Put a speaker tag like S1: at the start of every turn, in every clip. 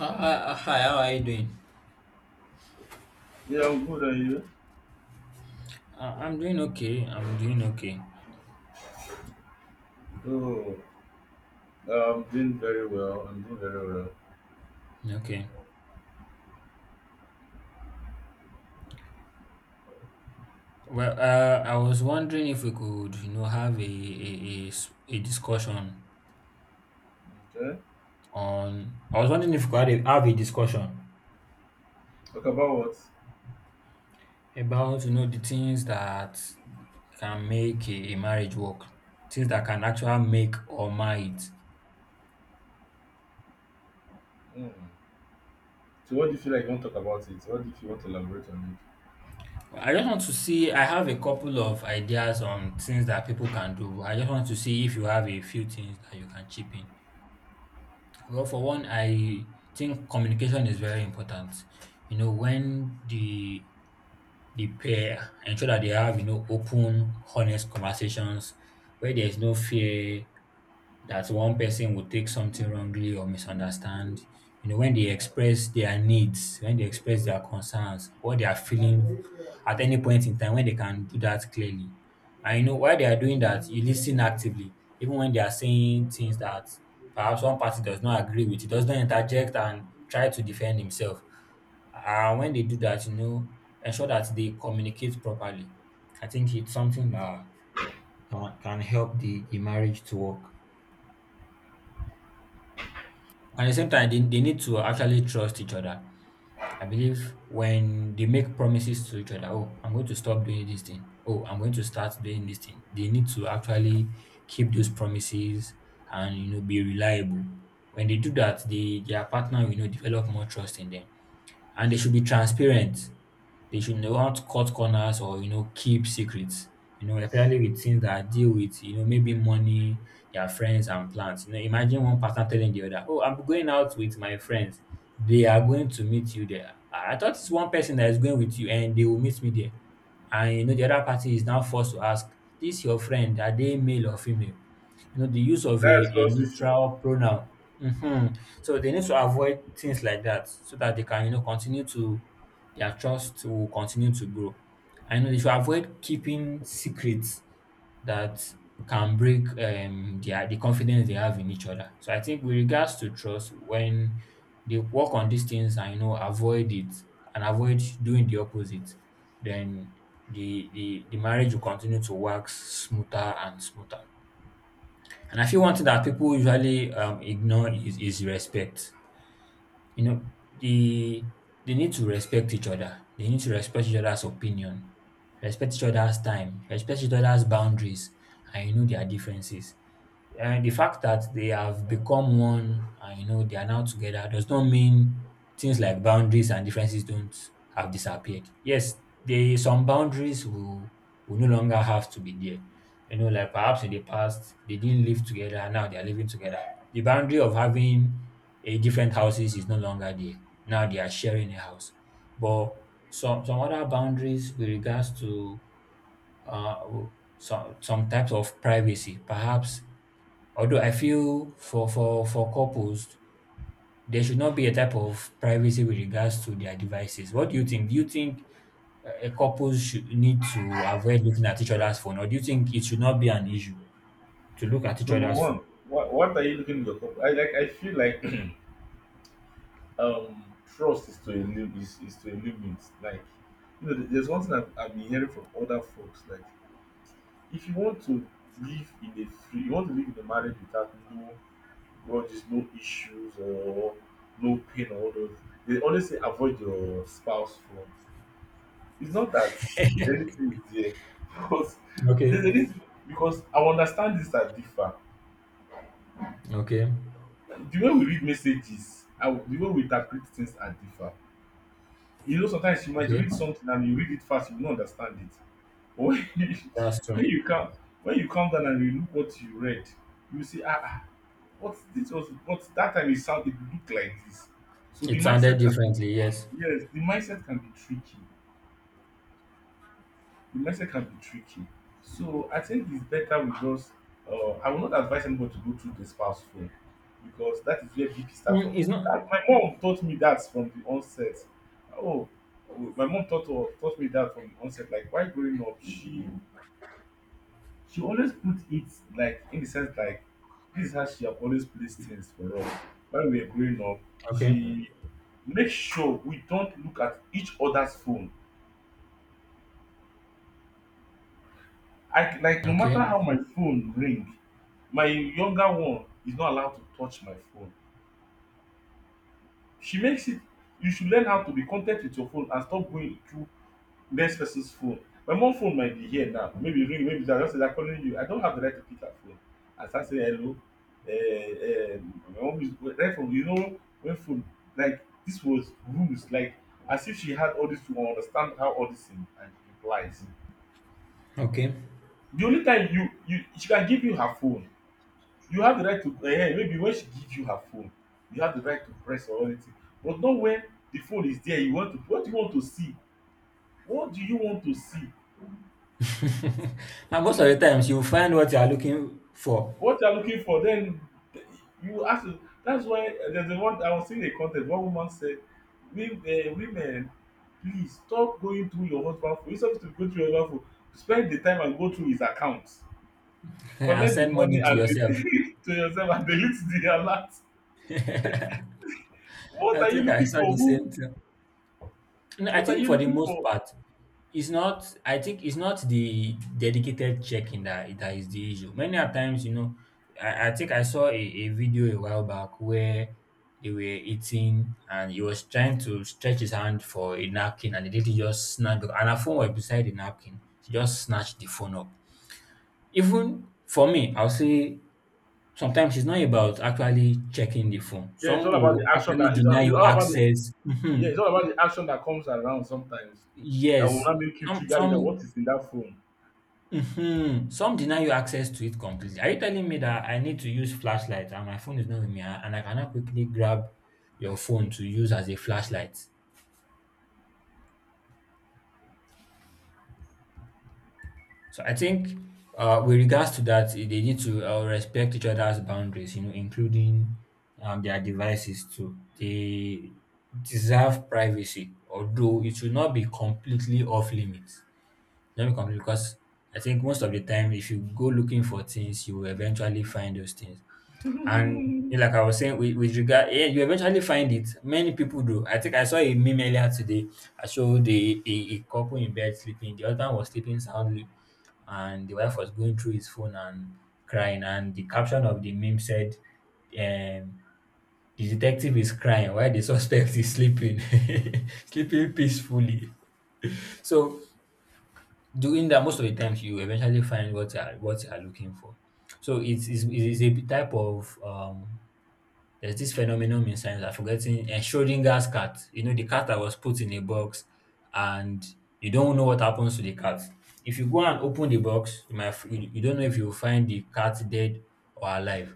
S1: Hi, how are you doing?
S2: Yeah, I'm good, and you?
S1: I'm doing okay. I'm doing okay.
S2: Oh, I'm doing very well. I'm doing very well.
S1: Okay. Well, I was wondering if we could, you know, have a discussion
S2: Okay.
S1: on. I was wondering if we could have a discussion
S2: Talk about what?
S1: about, you know, the things that can make a marriage work, things that can actually make or mar it.
S2: Mm. So, what do you feel like you want to talk about it? What do you feel you want to elaborate on it?
S1: I just want to see. I have a couple of ideas on things that people can do. I just want to see if you have a few things that you can chip in. Well, for one, I think communication is very important. You know, when the pair ensure that they have, you know, open, honest conversations where there's no fear that one person would take something wrongly or misunderstand. You know, when they express their needs, when they express their concerns, what they are feeling at any point in time, when they can do that clearly. And you know, while they are doing that, you listen actively, even when they are saying things that perhaps one party does not agree with, he does not interject and try to defend himself. And when they do that, you know, ensure that they communicate properly. I think it's something that can help the marriage to work. And at the same time, they need to actually trust each other. I believe when they make promises to each other, oh, I'm going to stop doing this thing. Oh, I'm going to start doing this thing. They need to actually keep those promises and you know be reliable. When they do that, their partner will you know develop more trust in them, and they should be transparent. They should not cut corners or you know keep secrets. You know, especially with things that deal with you know maybe money, their friends and plans. You know, imagine one person telling the other, "Oh, I'm going out with my friends. They are going to meet you there. I thought it's one person that is going with you, and they will meet me there." And you know, the other party is now forced to ask, "This your friend? Are they male or female?" You know, the use of a,
S2: That's
S1: a
S2: cross issue.
S1: neutral pronoun. Hmm, so they need to avoid things like that so that they can you know continue to their trust will continue to grow. I know, they should avoid keeping secrets that can break their the confidence they have in each other. So I think with regards to trust, when they work on these things and you know avoid it and avoid doing the opposite, then the marriage will continue to wax smoother and smoother. And I feel one thing that people usually ignore is respect, you know, the they need to respect each other, they need to respect each other's opinion, respect each other's time, respect each other's boundaries, and you know their differences. And the fact that they have become one and you know they are now together does not mean things like boundaries and differences don't have disappeared. Yes, they some boundaries will no longer have to be there. You know, like perhaps in the past they didn't live together, and now they are living together. The boundary of having a different houses is no longer there. Now they are sharing a house. But some other boundaries with regards to uh, some types of privacy, perhaps although I feel for for couples, there should not be a type of privacy with regards to their devices. What do you think? Do you think couples should need to avoid looking at each other's phone, or do you think it should not be an issue to look at each
S2: Number
S1: other's phone?
S2: one, what are you looking in your cup? I like. I feel like trust is to a limit. Like, you know, there's one thing I've been hearing from other folks. Like, if you want to live in a free, you want to live in a marriage without no where there's no issues or no pain or all those. They always say avoid your spouse phone. It's not that anything is there, because
S1: Okay,
S2: there's a reason because I understand things are differ.
S1: okay,
S2: The way we read messages, and the way we interpret things are differ. You know, sometimes you might
S1: okay.
S2: read something and you read it fast, you will not understand it. But when you,
S1: That's
S2: when
S1: true.
S2: you come when you come down and you look what you read, you see ah ah, what this was what that time it sounded it looked like this. So the
S1: It sounded
S2: mindset can be.
S1: differently, yes.
S2: Yes, the mindset can be tricky. The mindset can be tricky. So I think it's better we just. I will not advise anybody to go through the spouse phone because that is where BP start from.
S1: Mm, it's not
S2: That, my mom taught me that from the onset. Oh, oh, my mom taught me that from the onset. Like while growing up, she always put it like in the sense like this is how she have always placed things for us while we were growing up.
S1: okay,
S2: She makes sure we don't look at each other's phone. I like no matter
S1: okay,
S2: how my phone ring, my younger one is not allowed to touch my phone. She makes it you should learn how to be content with your phone and stop going through next person's phone. My mum phone might be here now, maybe ring maybe that just say dat calling you, I don't have the right to pick her phone and start saying hello. My mom is right from you know when phone like this was rules like as if she had all this to understand how all this thing and implies.
S1: okay.
S2: The only time you you she can give you her phone you have the right to maybe when she give you her phone you have the right to press or anything but not when the phone is there you want to what do you want to see, what do you want to see,
S1: and most of the times you find what you are looking for
S2: what you are looking for, then you ask the that's why, there's a one I was seeing a con ten t one woman said women please stop going through your husband phone, instead of you to go through your husband phone spend the time and go through his account,
S1: and
S2: collect the
S1: send money
S2: money
S1: to
S2: and
S1: yourself.
S2: delete to yourself and delete the alert. What
S1: I
S2: are you
S1: think I
S2: looking
S1: saw
S2: for,
S1: the
S2: who,
S1: same thing. No, I
S2: what are
S1: think
S2: you
S1: for the
S2: looking
S1: most
S2: for?
S1: part, it's not. I think it's not the dedicated checking that that is the issue. Many a times, you know, I think I saw a video a while back where they were eating and he was trying to stretch his hand for a napkin and the lady just snapped and her phone was beside the napkin. She just snatched the phone up. Even for me, I'll say sometimes it's not about actually checking the phone.
S2: Yeah, it's
S1: Some
S2: all about
S1: will
S2: the action
S1: actually
S2: that
S1: deny
S2: it's
S1: you
S2: all about the
S1: access.
S2: yeah,
S1: Mhm.
S2: it's all about the action that comes around sometimes that will
S1: Yes,
S2: not make you
S1: some
S2: trigger you that what
S1: some
S2: is in that phone.
S1: mhm, some deny you access to it completely. Are you telling me that I need to use flashlight and my phone is not with me and I cannot quickly grab your phone to use as a flashlight? So I think with regards to that, eh, they need to respect each other's boundaries, you know, including their devices too. They deserve privacy, although it should not be completely off limits. Let me complete because I think most of the time, if you go looking for things, you will eventually find those things. And yeah, like I was saying, with regard, yeah, you eventually find it. Many people do. I think I saw a meme earlier today. I showed a couple in bed sleeping. The husband was sleeping soundly, and the wife was going through his phone and crying. And the caption of the meme said, um, the detective is crying while the suspect is sleeping, sleeping peacefully. So doing that most of the times you eventually find what you are looking for, so it's a type of there's this phenomenon in science, I am forgetting. Eh, Schrodinger's cat. You know, the cat that was put in a box and you don't know what happens to the cat. If you go and open the box, you you don't know if you'll find the cat dead or alive.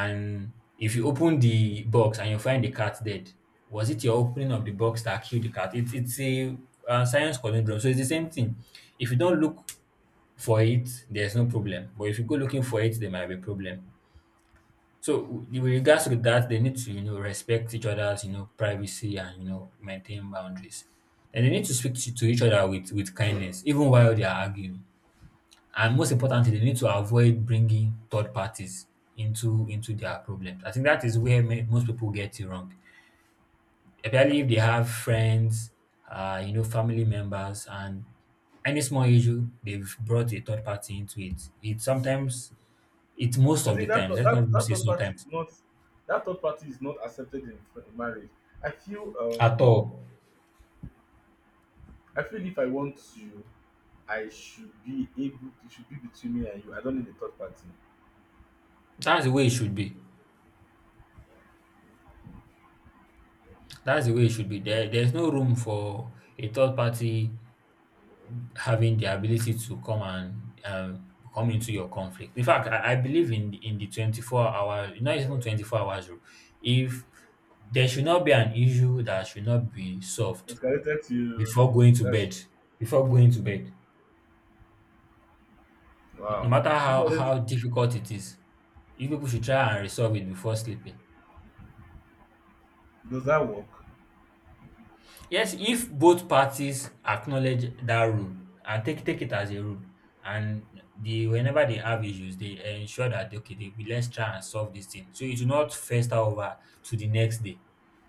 S1: And if you open the box and you find the cat dead, was it your opening of the box that killed the cat? It's a science conundrum. So it's the same thing. If you don't look for it, there's no problem. But if you go looking for it, there might be a problem. So with regards to that, they need to, you know, respect each other's, you know, privacy and you know maintain boundaries. And they need to speak to each other with kindness, even while they are arguing. And most importantly, they need to avoid bringing third parties into their problems. I think that is where most people get it wrong, especially if they have friends, you know, family members, and any small issue they've brought a third party into it. It sometimes, it most
S2: I
S1: of the
S2: think that
S1: times,
S2: third-
S1: let's not
S2: that
S1: even
S2: that
S1: say
S2: third party
S1: sometimes
S2: is not that third party is not accepted in, in marriage. I feel
S1: at
S2: um
S1: all.
S2: I feel if I want to, I should be able. It should be between me and you. I don't need a third party.
S1: That's the way it should be. That's the way it should be. There, there's no room for a third party having the ability to come and come into your conflict. In fact, I believe in the 24-hour, not even 24 hours rule. If there should not be an issue that should not be solved
S2: Escalated to the
S1: before going to
S2: that's
S1: bed, before going to bed, no, no
S2: wow.
S1: matter
S2: People always
S1: how difficult it is, you people should try and resolve it before sleeping.
S2: does that work?
S1: Yes, if both parties acknowledge that rule and take take it as a rule, and they whenever they have issues, they ensure that okay, they, we- let's try and solve this thing. So it's not fester over to the next day.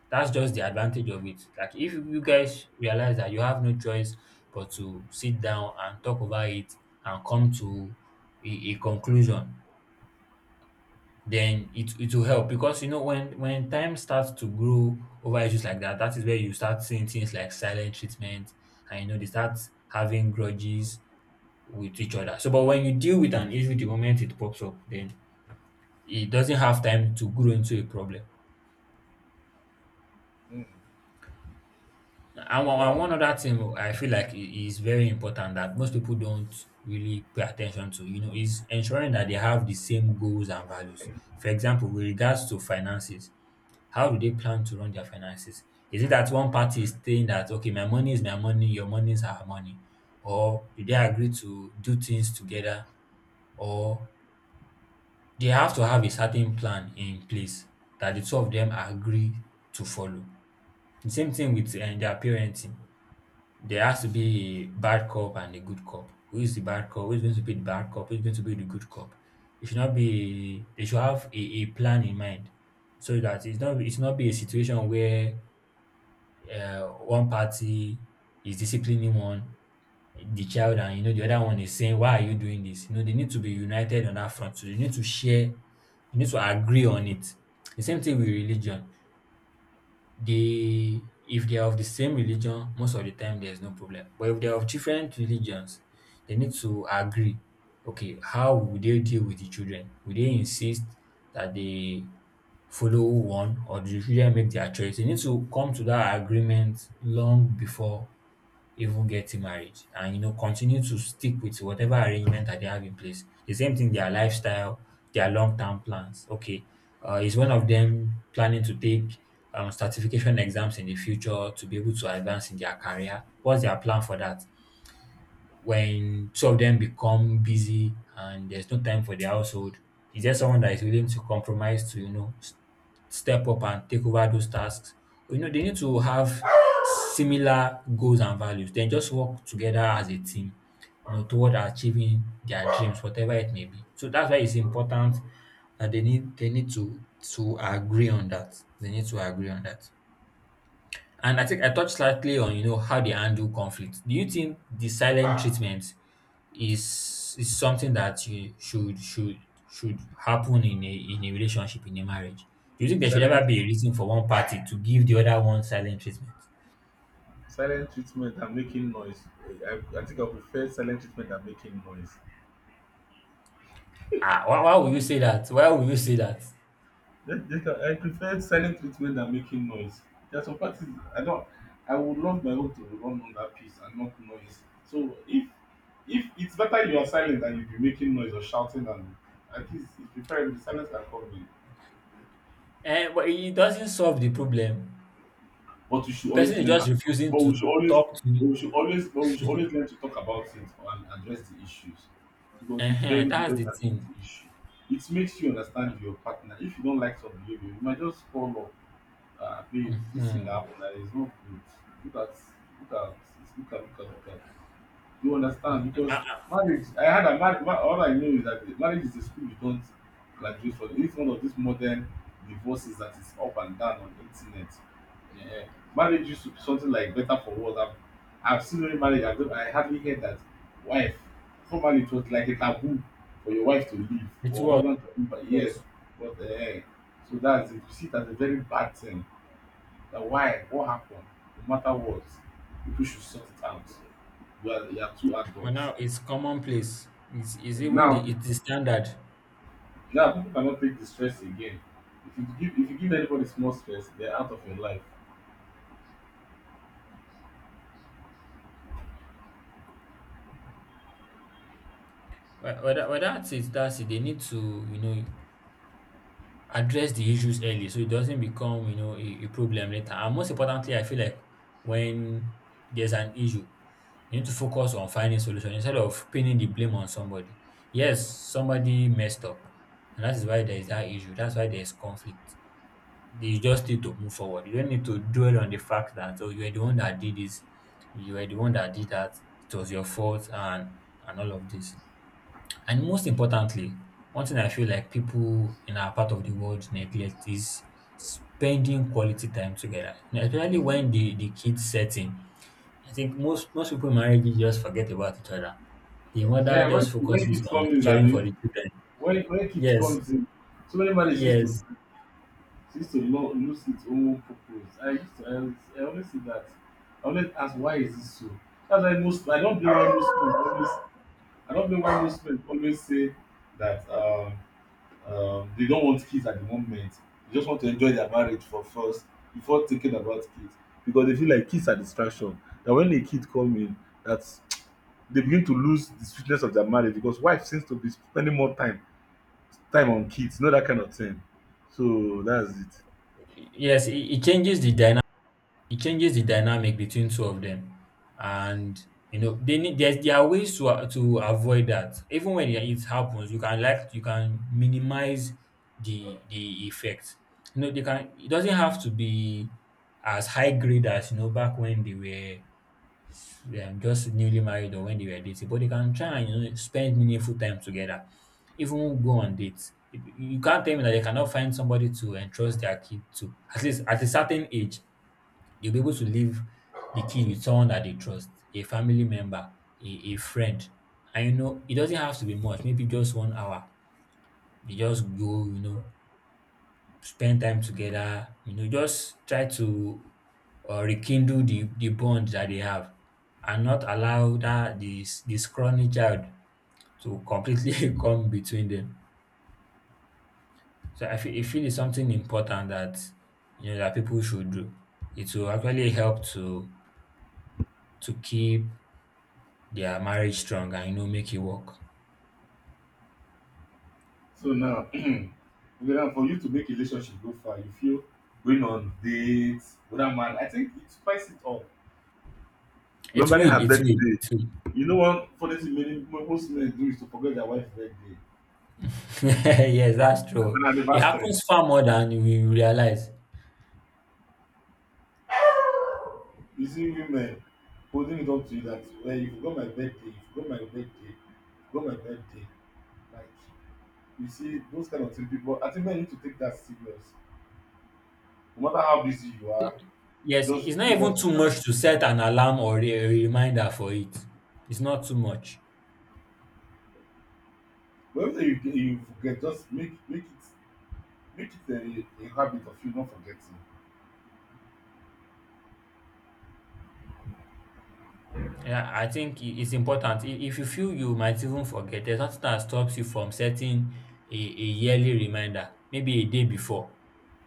S1: That's just the advantage of it. Like if you guys realize that you have no choice but to sit down and talk about it and come to a conclusion, then it will help because you know when time starts to grow over issues like that, that is where you start seeing things like silent treatment, and you know they start having grudges with each other. So, but when you deal with an issue the moment it pops up, then it doesn't have time to grow into a problem.
S2: Mm,
S1: And
S2: wow,
S1: one other thing I feel like is very important that most people don't really pay attention to, you know, is ensuring that they have the same goals and values. For example, with regards to finances, how do they plan to run their finances? Is it that one party is saying that, okay, my money is my money, your money is our money? Or do they agree to do things together? Or they have to have a certain plan in place that the two of them agree to follow? The same thing with their parenting. There has to be a bad cop and a good cop. Who is the bad cop? Who is going to be the bad cop? Who is going to be the good cop? It should not be. They should have a plan in mind, so that it's not be a situation where uh, one party is disciplining one the child, and you know the other one is saying, why are you doing this? You know, they need to be united on that front. So they need to share. You need to agree on it. The same thing with religion, they, if they are of the same religion, most of the time there's no problem, but if they are of different religions, they need to agree, okay, how will they deal with the children? Will they insist that they follow one, or do the children make their choice? They need to come to that agreement long before even getting married, and you know, continue to stick with whatever arrangement that they have in place. The same thing, their lifestyle, their long term plans. Okay, is one of them planning to take certification exams in the future to be able to advance in their career? What's their plan for that? When two of them become busy and there's no time for the household, is there someone that is willing to compromise to, you know, step up and take over those tasks? You know, they need to have similar goals and values. Then just work together as a team, you know, toward achieving their dreams, whatever it may be. So that's why it's important that they need to agree on that. They need to agree on that. And I think I touched slightly on, you know, how they handle conflict. Do you think the silent treatment is something that you should happen in a relationship, in a marriage? Do you think there should
S2: silent.
S1: ever be a reason for one party to give the other one silent treatment?
S2: Silent treatment and making noise. I think I prefer silent treatment than making noise.
S1: Ah, why would you say that? Why would you say that?
S2: I prefer silent treatment than making noise. There are some parties I don't. I would love my own to run on that piece and not noise. So if it's better you are silent than you be making noise or shouting and at least it's preferable silence than comedy.
S1: Eh, but it doesn't solve the problem.
S2: But we should
S1: Person
S2: always
S1: is
S2: learn how
S1: just
S2: to talk.
S1: refusing to talk to you.
S2: But we should always learn to talk about it and address the issues because it's very good when
S1: That's
S2: you
S1: the
S2: address
S1: thing.
S2: the issue. It makes you understand your partner. If you don't like some behavior you might just call up, babe this thing that
S1: Mhm.
S2: happened is not good. Look at, look at look at look at look at you understand? Because
S1: Ah, ah.
S2: marriage, I had a marriage. All I know is that marriage is a school you don't graduate from. It's one of these modern divorces that is up and down on the internet. Yeah. Marriage used to be something like better for worse. I've seen many marriage. I, don't, I hardly heard that wife. Formerly, it was like a taboo for your wife to leave
S1: It
S2: or
S1: was.
S2: husband to leave. But
S1: It
S2: yes,
S1: was.
S2: but so that's it. You see that's a very bad thing. That why? What happened? No matter what, people should sort it out. Well, you are two
S1: But
S2: adults.
S1: now it's commonplace. It's
S2: And
S1: even
S2: now,
S1: the it's the
S2: people,
S1: standard.
S2: now people cannot take the stress again. If you give anybody small stress, they're out of your life.
S1: But that's it. That's it. They need to, you know, address the issues early so it doesn't become, you know, a problem later. And most importantly, I feel like when there's an issue, you need to focus on finding solution instead of pinning the blame on somebody. Yes, somebody messed up, and that is why there is that issue. That's why there is conflict. You just need to move forward. You don't need to dwell on the fact that, oh, you were the one that did this, you were the one that did that, it was your fault, and all of this. And most importantly, one thing I feel like people in our part of the world neglect is spending quality time together. You know, especially when the kids set in. I think most people in marriages just forget about each other. The mother
S2: Yeah,
S1: just
S2: when
S1: focuses
S2: kids
S1: on
S2: come in,
S1: caring for
S2: Abi,
S1: the children.
S2: when kids
S1: Yes,
S2: comes in, so many money seems to
S1: yes,
S2: lose its own purpose. I always see that. I always ask why is this so? That's why most I don't blame why most men always say that they don't want kids at the moment. They just want to enjoy their marriage for first before thinking about kids because they feel like kids are distraction. That when a kid come in, that they begin to lose the sweetness of their marriage because wife seems to be spending more time on kids, not that kind of thing. So that's it.
S1: yes. It changes the dynamic, it changes the dynamic between two of them, and you know they need, there's, there are ways to to avoid that. Even when it happens, you can, like, you can minimize the effect. You know, they can, it doesn't have to be as high grade as, you know, back when they were just newly married or when they were dating, but they can try and, you know, spend meaningful time together, even go on dates. You can't tell me that they cannot find somebody to entrust their kid to, at least at a certain age. They'll be able to leave the kid with someone that they trust, a family member, a friend. And you know, it doesn't have to be much, maybe just 1 hour. They just go, you know, spend time together, you know, just try to rekindle the bond that they have, and not allow that this crony child to completely come between them. So I feel it's something important that, you know, that people should do. It will actually help to keep, yeah, marriage strong, and you know, make it work.
S2: So now, whether for you to make a relationship go far, you feel going on dates with that man. I think it spices it up.
S1: It
S2: Remembering
S1: will,
S2: her
S1: it will,
S2: birthday.
S1: it will.
S2: You know, one funny thing many most men do is to forget their wife's birthday.
S1: Yes, that's true.
S2: An
S1: It
S2: anniversary.
S1: happens far more than we realize.
S2: You see women holding it up to you that well, you forgot my birthday, forgot my birthday. Like you see those kind of things people I think men need to take that serious. No matter how busy you are,
S1: Yes,
S2: just
S1: it's not
S2: bring
S1: even
S2: out your
S1: too much to set an alarm or a reminder for it. It's not too much.
S2: but everything you get you forget, just make it a habit of you not forgetting.
S1: Yeah, I think it's important. I- If you feel you might even forget, there's nothing that stops you from setting a yearly reminder, maybe a day before,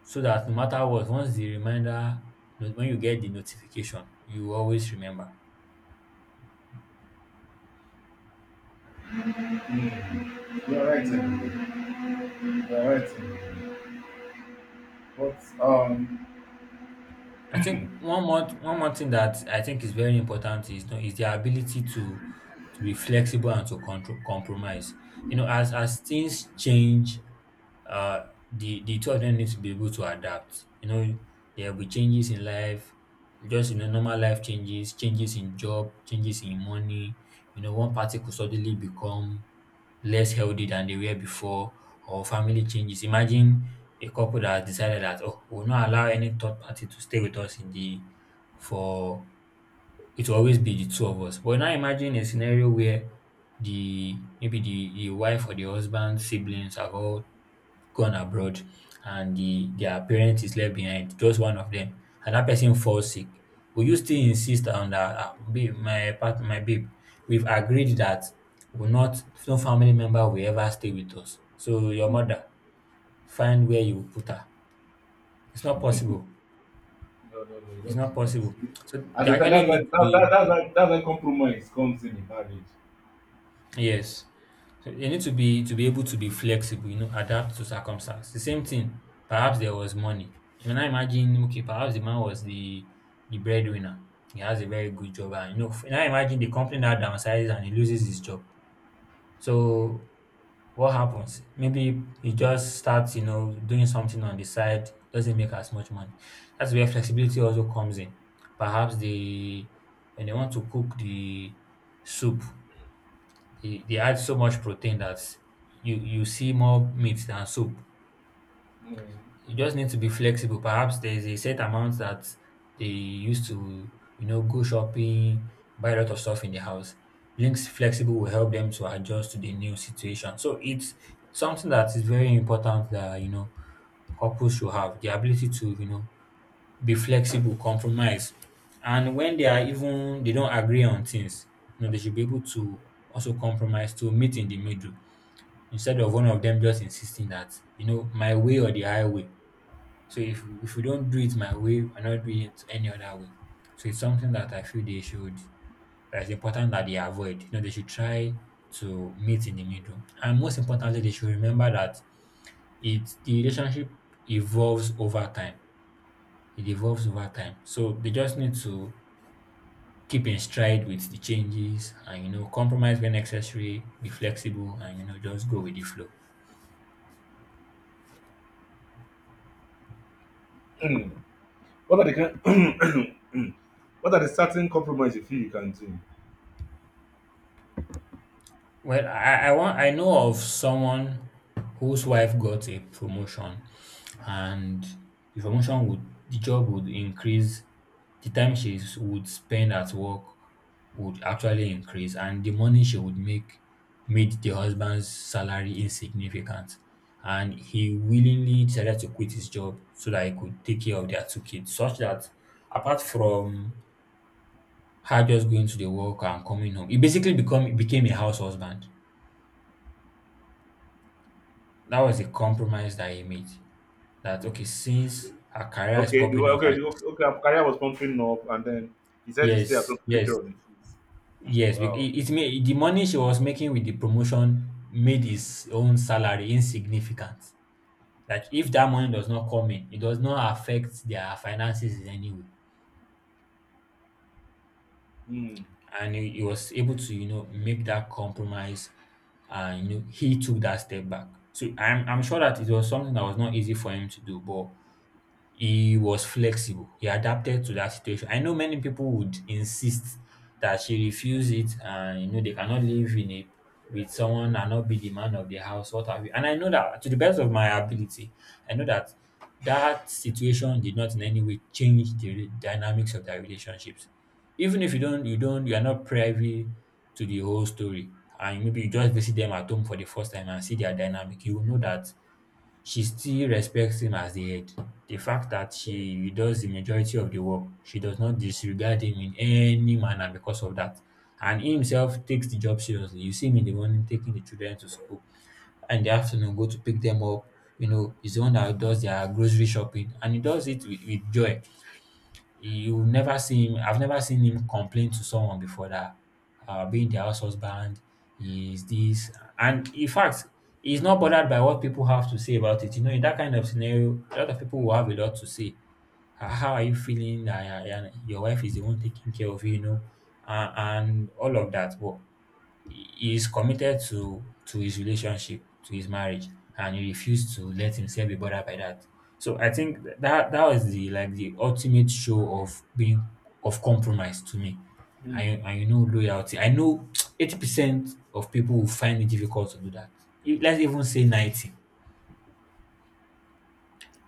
S1: so that no matter what, once the reminder, when you get the notification, you always remember.
S2: Mm. You're right, Emily. You're right, Emily. But
S1: I think one more thing that I think is very important is, you know, is their ability to be flexible and to control compromise. You know, as things change, uh, the two of them need to be able to adapt. You know, there will be changes in life, just, you know, normal life changes, changes in job, changes in money. You know, one party could suddenly become less healthy than they were before, or family changes. Imagine a couple that has decided that, oh, we'll not allow any third party to stay with us in the for it will always be the two of us. But now imagine a scenario where the, maybe the wife or the husband siblings are all gone abroad, and their parent is left behind, just one of them, and that person falls sick. Will you still insist on that, "Ah, babe, my babe, we've agreed that will not, no family member will ever stay with us. So your
S2: mm.
S1: mother, find where you put her." It's not possible.
S2: No, no, no,
S1: It's
S2: don't
S1: not
S2: do that.
S1: possible. So
S2: At
S1: they
S2: the time,
S1: actually need to be,
S2: that's why compromise comes in marriage.
S1: yes. So you need to be able to be flexible, you know, adapt to circumstance. The same thing. Perhaps there was money. You can now imagine, okay, perhaps the man was the breadwinner. He has a very good job, and you know, now imagine the company now downsizes and he loses his job. So what happens? Maybe he just starts, you know, doing something on the side, doesn't make as much money. That's where flexibility also comes in. Perhaps they, when they want to cook the soup, they add so much protein that you see more meat than soup.
S2: Mm.
S1: You just need to be flexible. Perhaps there is a set amount that they used to, you know, go shopping, buy a lot of stuff in the house. Being flexible will help them to adjust to the new situation. So it's something that is very important, that you know, couples should have the ability to, you know, be flexible, compromise, and when they are, even they don't agree on things, you know, they should be able to also compromise to meet in the middle instead of one of them just insisting that, you know, my way or the highway. So if we don't do it my way, we're not doing it any other way. So it's something that I feel they should, that is important that they avoid. You know, they should try to meet in the middle. And most importantly, they should remember that it the relationship evolves over time. It evolves over time. So they just need to keep in stride with the changes, and you know, compromise when necessary, be flexible, and you know, just go with the flow.
S2: What are the kind? What are the certain compromise you feel you can do?
S1: Well, I know of someone whose wife got a promotion, and the promotion would, the job would increase, the time she would spend at work would actually increase, and the money she would make made the husband's salary insignificant, and he willingly decided to quit his job so that he could take care of their two kids, such that apart from her just going to the work and coming home, he basically become became a house husband. That was a compromise that he made. That okay, since her career is popping off, and
S2: Okay. Her career was pumping up, and then he said to stay at home
S1: yes,
S2: to take care
S1: yes,
S2: of the kids.
S1: yes, it,
S2: Wow.
S1: it made the money she was making with the promotion made his own salary insignificant. Like if that money does not come in, it does not affect their finances in any way.
S2: Mm.
S1: And he was able to, you know, make that compromise, and you know, he took that step back. So I'm sure that it was something that was not easy for him to do, but he was flexible. He adapted to that situation. I know many people would insist that she refuse it and you know they cannot live in a with someone and not be the man of the house, what have you. And I know that to the best of my ability, I know that that situation did not in any way change the dynamics of their relationships. Even if you don't you are not privy to the whole story, and maybe you just visit them at home for the first time and see their dynamic, you will know that she still respects him as the head. The fact that she does the majority of the work, she does not disregard him in any manner because of that. And he himself takes the job seriously. You see him in the morning taking the children to school, and in the afternoon go to pick them up. You know, he's the one that does their grocery shopping, and he does it with joy. You'll never see him I've never seen him complain to someone before that being their house husband is this. And in fact, he's not bothered by what people have to say about it. You know, in that kind of scenario, a lot of people will have a lot to say. "Ah, how are you feeling? Ah, yeah, yeah, your wife is the one taking care of you, you know, and all of that." But he is committed to his relationship, to his marriage, and he refused to let himself be bothered by that. So I think that that was the like the ultimate show of being of compromise to me.
S2: Mm.
S1: And you know, loyalty. I know 80% of people will find it difficult to do that. If- Let's even say 90,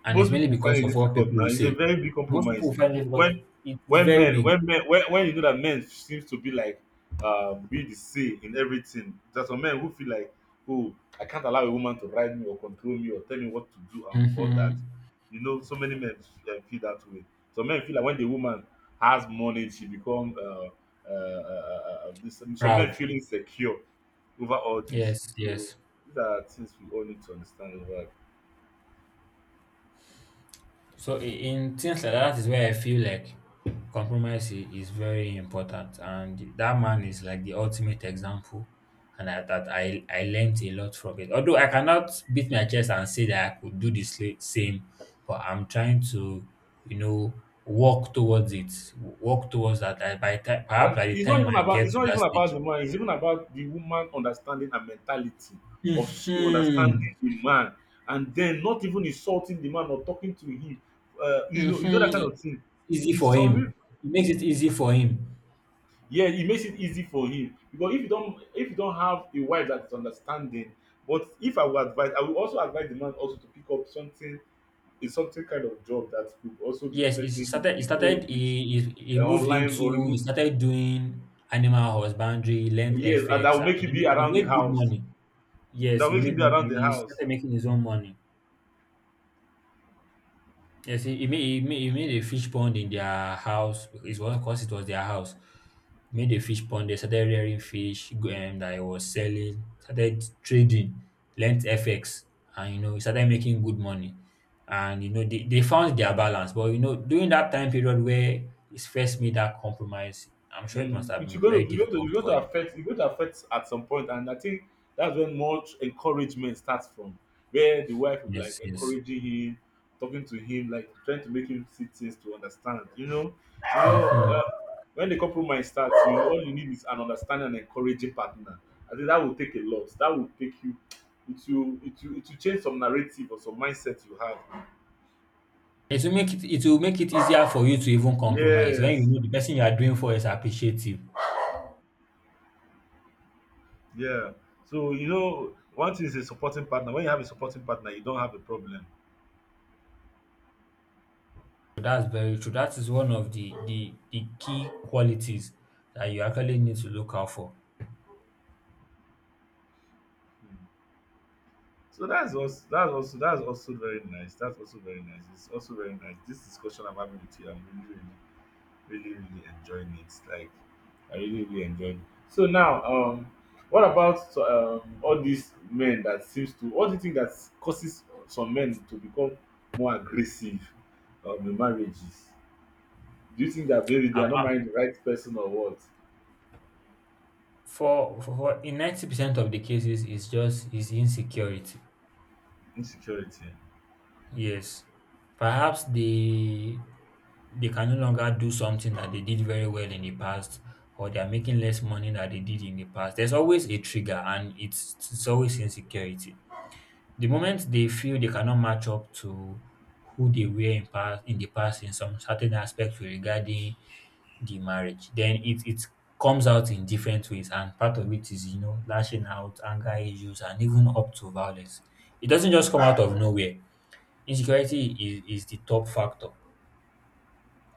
S1: and it's
S2: Most
S1: mainly
S2: people find
S1: because
S2: it
S1: of what
S2: difficult
S1: people
S2: now.
S1: will
S2: It's a
S1: say.
S2: very big
S1: Most people
S2: compromise.
S1: will find it difficult.
S2: When
S1: It's very big.
S2: when you know that men seems to be like, be the say in everything. There's some men who feel like oh I can't allow a woman to ride me or control me or tell me what to do and all that.
S1: Hmm.
S2: You know, so many men feel that way. Some men feel like when the woman has money, she become this. Some men
S1: Proud.
S2: feel insecure over all this.
S1: Yes.
S2: So
S1: Yes.
S2: these are things we all need to understand over.
S1: So i- in things like that is where I feel like compromise is very important, and that man is like the ultimate example, and I, that I learned a lot from it. Although I cannot beat my chest and say that I could do the same, but I'm trying to, you know, walk towards it, walk towards that. I, by time, perhaps
S2: And
S1: by the
S2: it's not
S1: time
S2: even
S1: I get to that stage.
S2: about the man. It's even about the woman understanding her mentality of she
S1: Hmm.
S2: understanding the man, and then not even insulting the man or talking to him. You know, that kind
S1: Hmm.
S2: of thing.
S1: It's easy
S2: It's
S1: for
S2: some
S1: him. It makes it easy for him.
S2: yeah, it makes it easy for him because if you don't have a wife that is understanding. But if I would advise, I would also advise the man also to pick up something, is something kind of job that could also be
S1: Yes, it
S2: fetching him
S1: started. It
S2: his
S1: started.
S2: own
S1: He,
S2: with,
S1: he, he moved
S2: online or
S1: into. He
S2: remote.
S1: started doing animal husbandry, learned
S2: Yes, and that
S1: FX,
S2: will
S1: and
S2: make
S1: he,
S2: him be
S1: made- he
S2: around the
S1: made good
S2: house.
S1: money.
S2: Mm,
S1: Yes,
S2: that will keep you around the
S1: he
S2: house.
S1: started making his own money. Yes, he made a fish pond in their house. It was because it was their house. Made a fish pond. They started rearing fish that he was selling. Started trading, learnt FX, and you know he started making good money. And you know they found their balance. But you know during that time period where his first made that compromise, I'm sure it must
S2: Mm,
S1: have
S2: it's
S1: been
S2: going
S1: very
S2: to,
S1: difficult
S2: you're going
S1: for
S2: to
S1: him.
S2: affect, you're going to affect at some point, and I think that's when much encouragement starts from, where the wife will like
S1: Yes, yes.
S2: encouraging him, talking to him, like trying to make him see things to understand. You know, you know,
S1: Mhm.
S2: uh, when the compromise starts, you all you need is an understanding and encouraging partner. I think that will take a lot. That will take you. It will change some narrative or some mindset you have.
S1: It will make it easier for you to even compromise when you
S2: Yes.
S1: know the person you are doing for is appreciative.
S2: Yeah. So you know, one thing is a supporting partner. When you have a supporting partner, you don't have a problem.
S1: So that's very true. That is one of the key qualities that you actually need to look out for.
S2: Mm. So that's also that's also very nice. That's also very nice. It's also very nice. This discussion I'm having with you, I'm really really enjoying it. Like I really really enjoyed. It. So now, what about all these men that seems to? What do you think that causes some men to become more aggressive, in marriages? Do you think that maybe they
S1: Uh,
S2: are not marrying the right person or what?
S1: for in 90% of the cases, it's just is insecurity.
S2: Insecurity.
S1: Yes. Perhaps they can no longer do something that they did very well in the past, or they are making less money than they did in the past. There's always a trigger, and it's always insecurity. The moment they feel they cannot match up to who they were in the past in some certain aspects regarding the marriage. Then it comes out in different ways, and part of it is, you know, lashing out, anger issues, and even up to violence. It doesn't just come out of nowhere. Insecurity is the top factor,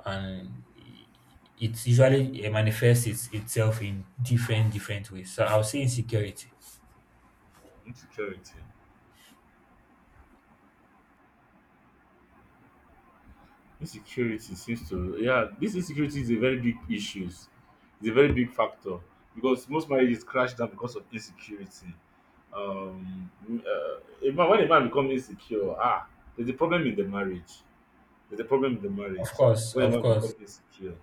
S1: and it usually manifests itself in different different ways. So I'll say insecurity.
S2: Insecurity. Insecurity seems to yeah, this insecurity is a very big issues. It's a very big factor because most marriages crash down because of insecurity. Um, a man, when a man becomes insecure, ah, there's a problem in the marriage. There's a problem in the
S1: Of
S2: marriage
S1: course,
S2: when a
S1: of
S2: man
S1: course.
S2: becomes insecure.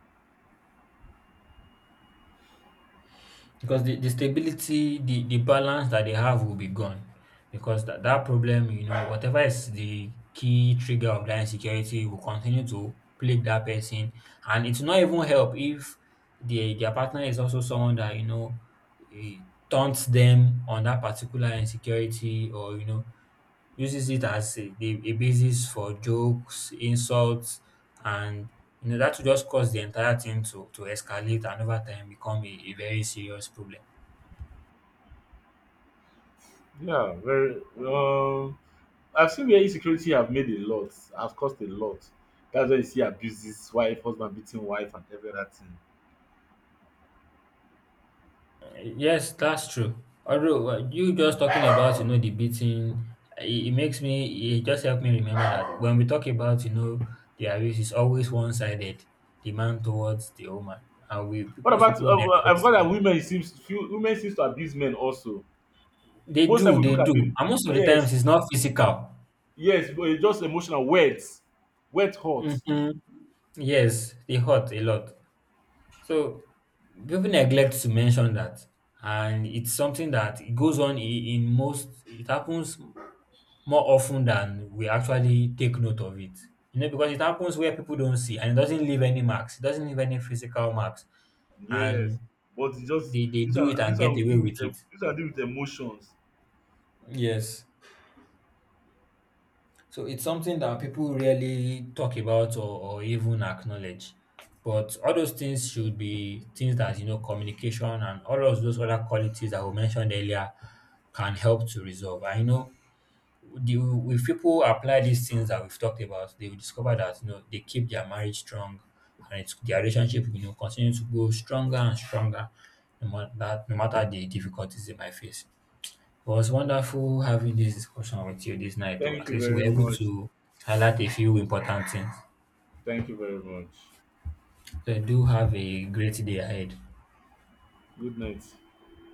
S1: Because the stability, the balance that they have will be gone. Because that problem, you know, whatever is the key trigger of that insecurity will continue to plague that person. And it's not even help if their partner is also someone that, you know, eh, taunts them on that particular insecurity, or, you know, uses it as a basis for jokes, insults, and you know that will just cause the entire thing to escalate and over time become a very serious problem.
S2: Yeah, very. I've seen where insecurity have made a lot, have caused a lot. That's why you see abuses, wife, husband beating wife, and every other thing.
S1: Yes, that's true. Although you just talking about you know the beating, it makes me it just helped me remember that when we talk about you know the abuse is always one sided, the man towards the woman, and we
S2: What
S1: most
S2: about
S1: people
S2: well, I've
S1: neglect.
S2: got that women seems few women seems to abuse men also. Most time we
S1: They
S2: look at
S1: do,
S2: them,
S1: and most of the
S2: yes,
S1: times it's not physical.
S2: yes, but it's just emotional words, wet hot,
S1: Hmm. Yes, they hurt a lot. So people neglect to mention that, and it's something that it goes on in most. It happens more often than we actually take note of it. You know, because it happens where people don't see and it doesn't leave any marks. It doesn't leave any physical marks.
S2: yes.
S1: And
S2: But it's just
S1: they do it and
S2: this
S1: get
S2: one will
S1: away
S2: deal with
S1: with it.
S2: this one deal with emotions.
S1: Yes. So it's something that people really talk about, or even acknowledge. But all those things should be things that, you know, communication and all of those other qualities that we mentioned earlier can help to resolve. I know the if people apply these things that we've talked about, they will discover that you know they keep their marriage strong, and it's their relationship you know continues to grow stronger and stronger, no matter the difficulties they might face. It was wonderful having this discussion with you this night, or
S2: Thank
S1: at
S2: you
S1: least we
S2: very
S1: able
S2: much.
S1: to highlight a few important things.
S2: Thank you very much.
S1: So do have a great day ahead.
S2: Good night.